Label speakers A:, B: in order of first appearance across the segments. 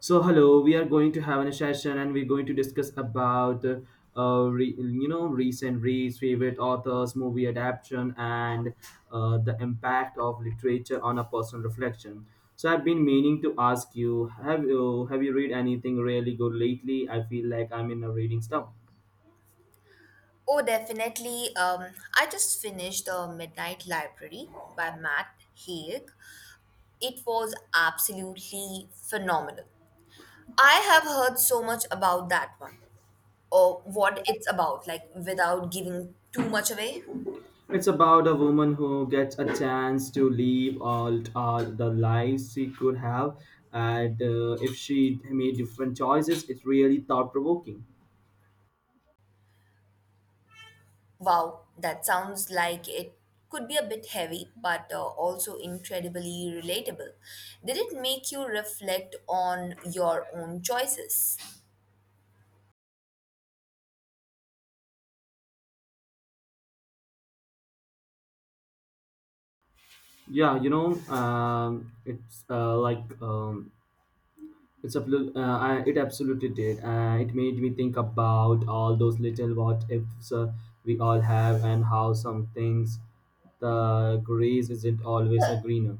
A: So hello, we are going to have a session and we're going to discuss about re, you know recent reads, favorite authors, movie adaptation, and the impact of literature on a personal reflection. So I've been meaning to ask you, have you read anything really good lately? I feel like I'm in a reading slump.
B: Oh, definitely. I just finished The Midnight Library by Matt Haig. It was absolutely phenomenal. I have heard so much about that one, or what it's about, like without giving too much away.
A: It's about a woman who gets a chance to live all the lives she could have, and if she made different choices, it's really thought provoking.
B: Wow, that sounds like it could be a bit heavy, but also incredibly relatable. Did it make you reflect on your own choices?
A: Yeah, you know, it's like it's a, I- it absolutely did. It made me think about all those little what ifs we all have, and how some things the grace isn't always a greener.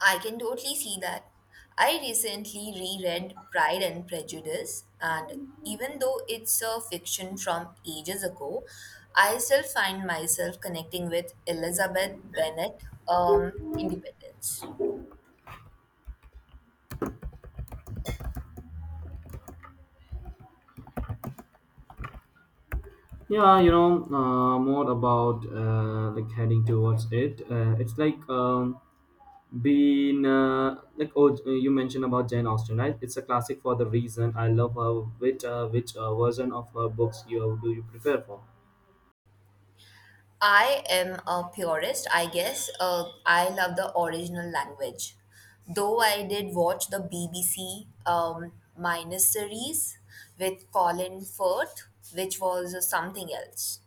B: I can totally see that. I recently reread Pride and Prejudice, and even though it's a fiction from ages ago, I still find myself connecting with Elizabeth Bennet, um, Independence.
A: Yeah, you know, more about like heading towards it. It's like being like oh, you mentioned about Jane Austen, right? It's a classic for the reason. I love her. Which version of her books you do you prefer for?
B: I am a purist, I guess. I love the original language. Though I did watch the BBC minus series with Colin Firth, which was something else.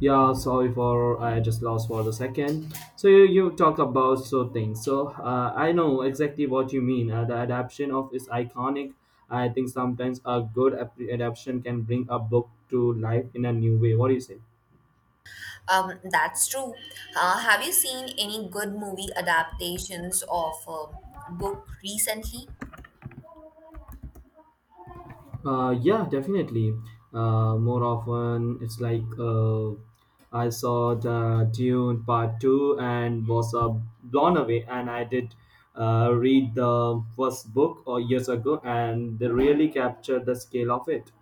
A: Yeah, sorry for I just lost for the second. So you talk about so things. So I know exactly what you mean. The adaptation of is iconic. I think sometimes a good adaptation can bring a book to life in a new way. What do you say?
B: That's true. Have you seen any good movie adaptations of a book recently?
A: Yeah, definitely. More often, it's like I saw the Dune Part Two and was blown away. And I did read the first book or years ago, and they really captured the scale of it.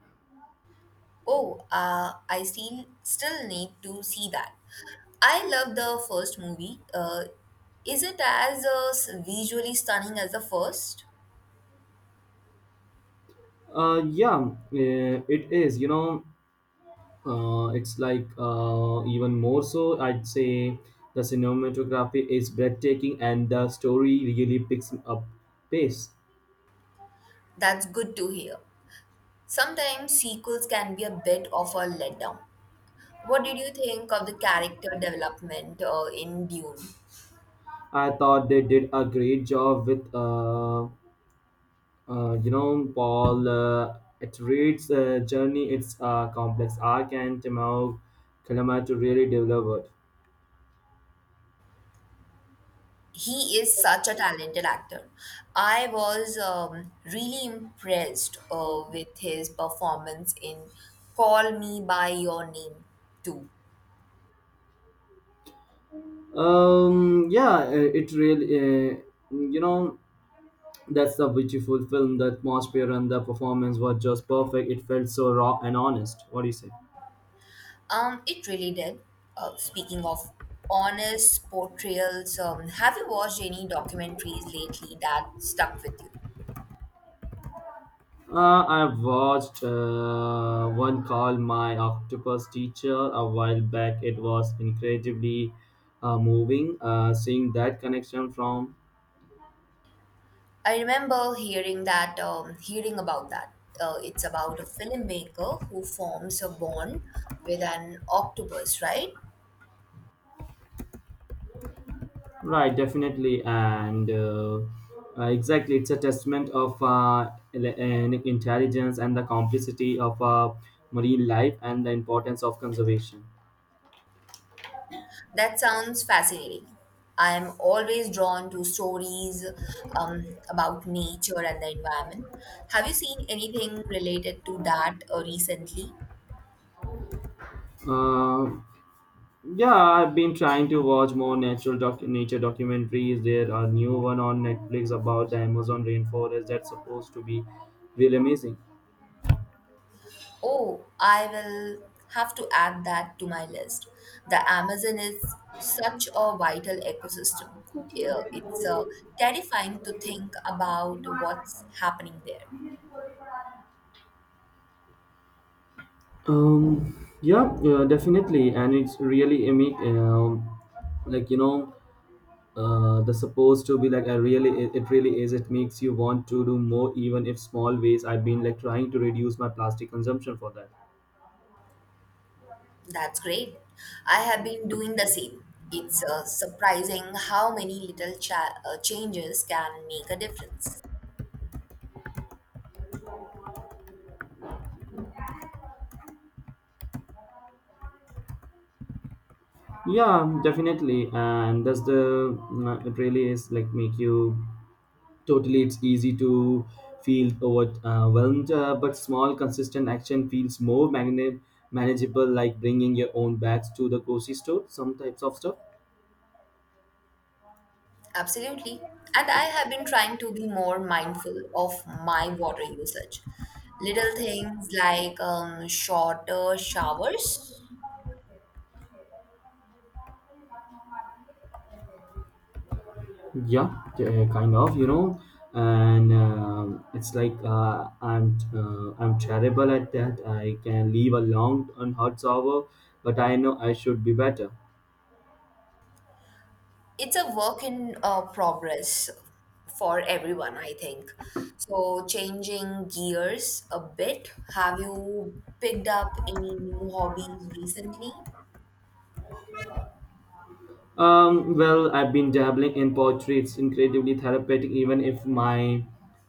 B: Oh, I still need to see that. I love the first movie. Is it as visually stunning as the first?
A: Yeah, it is. You know, it's like even more so. I'd say the cinematography is breathtaking, and the story really picks up pace.
B: That's good to hear. Sometimes sequels can be a bit of a letdown. What did you think of the character development in Dune?
A: I thought they did a great job with, Paul. It reads journey. It's a complex arc, and Timur Kalama to really develop it.
B: He is such a talented actor. I was really impressed with his performance in Call Me By Your Name too.
A: Um, yeah, uh, it really, uh, you know, that's a beautiful film. The atmosphere and the performance were just perfect. It felt so raw and honest. What do you say?
B: It really did. Speaking of honest portrayals, have you watched any documentaries lately that stuck with you?
A: I watched one called My Octopus Teacher a while back. It was incredibly moving seeing that connection from.
B: I remember hearing that, hearing about that. It's about a filmmaker who forms a bond with an octopus, right?
A: Right, definitely. And Exactly, it's a testament of an intelligence and the complexity of marine life and the importance of conservation.
B: That sounds fascinating. I'm always drawn to stories about nature and the environment. Have you seen anything related to that recently?
A: Uh, Yeah, I've been trying to watch more nature documentaries. There are new one on Netflix about the Amazon rainforest that's supposed to be really amazing.
B: Oh, I will have to add that to my list. The Amazon is such a vital ecosystem. Yeah, it's terrifying to think about what's happening there.
A: Yeah, definitely, and it's really imi- like you know, the supposed to be like I really it, it really is. It makes you want to do more, even if small ways. I've been like trying to reduce my plastic consumption for that.
B: That's great. I have been doing the same. It's surprising how many little changes can make a difference.
A: Yeah, definitely, and that's the it really is like make you totally, it's easy to feel overwhelmed, but small, consistent action feels more manageable, like bringing your own bags to the grocery store, some types of stuff.
B: Absolutely. And I have been trying to be more mindful of my water usage. Little things like shorter showers.
A: Yeah, kind of, you know, and it's like I'm terrible at that. I can leave a long and hot hour, but I know I should be better.
B: It's a work in progress for everyone, I think. So, changing gears a bit, have you picked up any new hobbies recently?
A: Well, I've been dabbling in poetry. It's incredibly therapeutic, even if my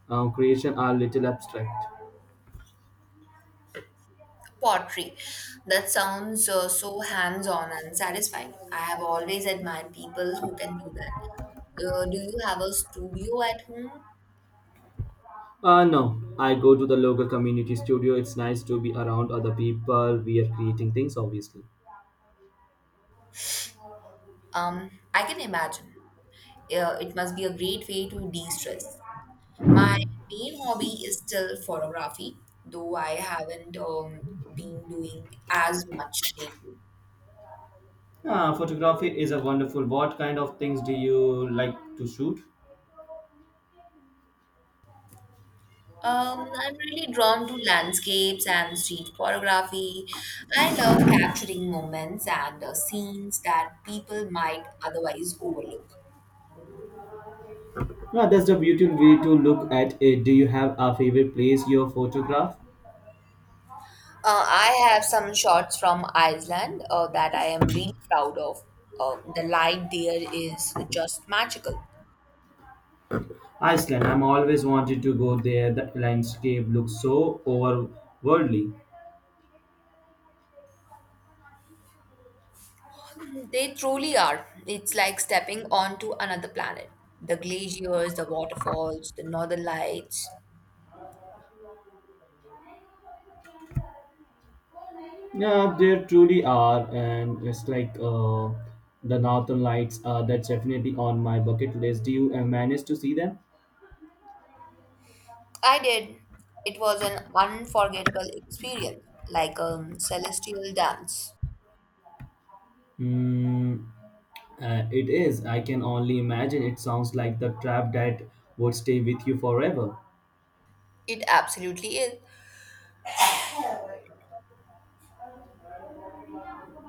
A: creation are little abstract.
B: Pottery. That sounds so hands-on and satisfying. I have always admired people who can do that. Do you have a studio at home?
A: No, I go to the local community studio. It's nice to be around other people. We are creating things, obviously.
B: I can imagine. It must be a great way to de-stress. My main hobby is still photography, though I haven't been doing as much lately.
A: Ah, photography is a wonderful. What kind of things do you like to shoot?
B: I'm really drawn to landscapes and street photography. I love capturing moments and scenes that people might otherwise overlook.
A: Yeah, that's the beautiful way to look at it. Do you have a favorite place you photograph?
B: I have some shots from Iceland that I am really proud of. The light there is just magical.
A: Iceland. I'm always wanted to go there. The landscape looks so overworldly.
B: They truly are. It's like stepping onto another planet. The glaciers, the waterfalls, the northern lights.
A: Yeah, there truly are, and it's like the northern lights. That's definitely on my bucket list. Do you manage to see them?
B: I did. It was an unforgettable experience, like a celestial dance.
A: Mm, it is. I can only imagine. It sounds like the trap that would stay with you forever.
B: It absolutely is.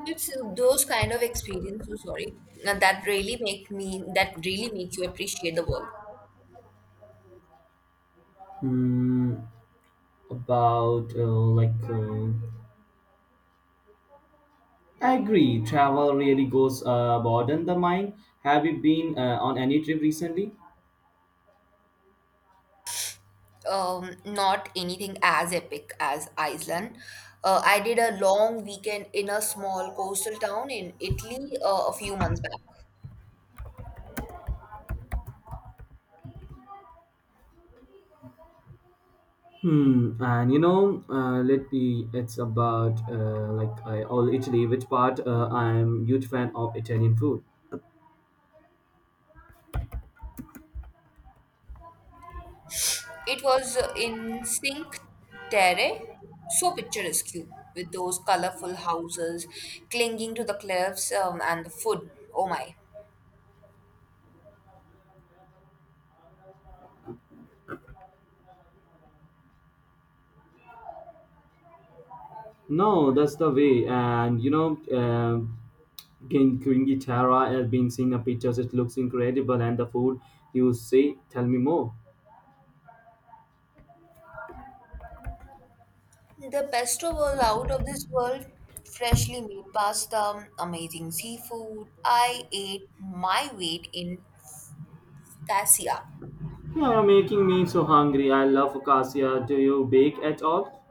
B: It's those kind of experiences, oh, sorry, that really make you appreciate the world.
A: Hmm. about uh, like, uh, I agree. Travel really goes broaden the mind. Have you been on any trip recently?
B: Not anything as epic as Iceland. I did a long weekend in a small coastal town in Italy a few months back.
A: Hmm. And you know, let me. It's about I all Italy. Which part? I'm huge fan of Italian food.
B: It was in Cinque Terre, so picturesque with those colorful houses clinging to the cliffs, and the food. Oh my!
A: No, that's the way. And you know, in Queen Tara has been seeing the pictures. It looks incredible, and the food you say, tell me more.
B: The pesto was out of this world. Freshly made pasta, amazing seafood. I ate my weight in cassia.
A: You are making me so hungry. I love focaccia. Do you bake at all?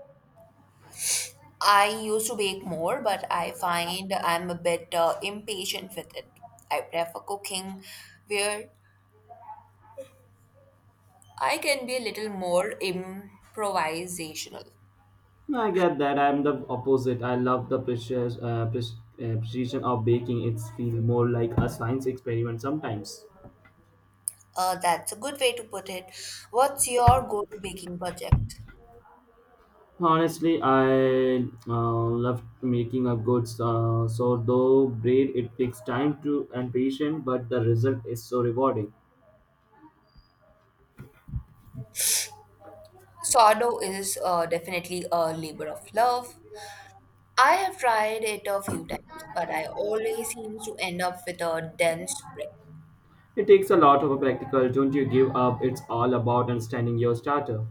B: I used to bake more, but I find I'm a bit impatient with it. I prefer cooking where I can be a little more improvisational.
A: I get that. I'm the opposite. I love the precision of baking. It feels more like a science experiment sometimes.
B: That's a good way to put it. What's your go-to baking project?
A: Honestly, I love making a good sourdough bread. It takes time to and patience, but the result is so rewarding.
B: Sourdough is definitely a labor of love. I have tried it a few times, but I always seem to end up with a dense brick.
A: It takes a lot of a practical, don't you give up. It's all about understanding your starter.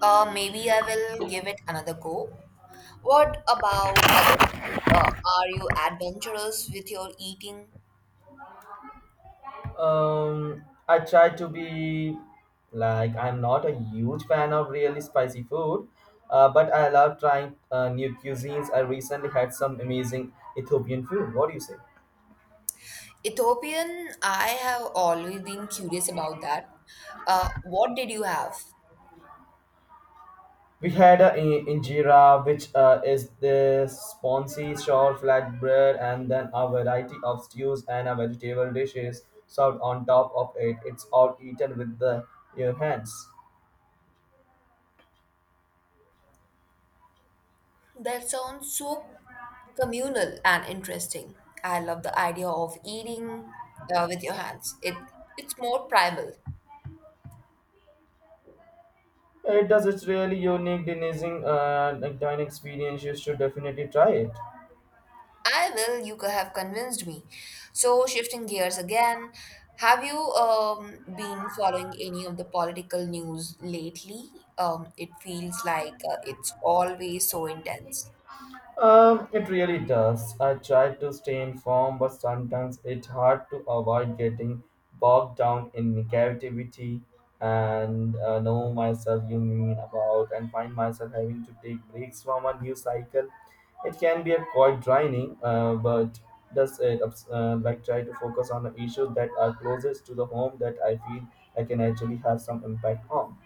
B: Maybe I will give it another go. What about other foods? Are you adventurous with your eating?
A: I try to be like I'm not a huge fan of really spicy food, but I love trying new cuisines. I recently had some amazing Ethiopian food. What do you say?
B: Ethiopian, I have always been curious about that. What did you have?
A: We had a injera, which is the spongy short flat bread, and then a variety of stews and a vegetable dishes served on top of it. It's all eaten with the your hands.
B: That sounds so communal and interesting. I love the idea of eating with your hands. It's more primal.
A: It does. It's really unique, denizing, dining experience. You should definitely try it.
B: I will. You could have convinced me. So shifting gears again, have you been following any of the political news lately? It feels like it's always so intense.
A: It really does. I try to stay informed, but sometimes it's hard to avoid getting bogged down in negativity and know myself you mean about and find myself having to take breaks from a new cycle. It can be a quite draining, but does it ups- like try to focus on the issues that are closest to the home that I feel I can actually have some impact on.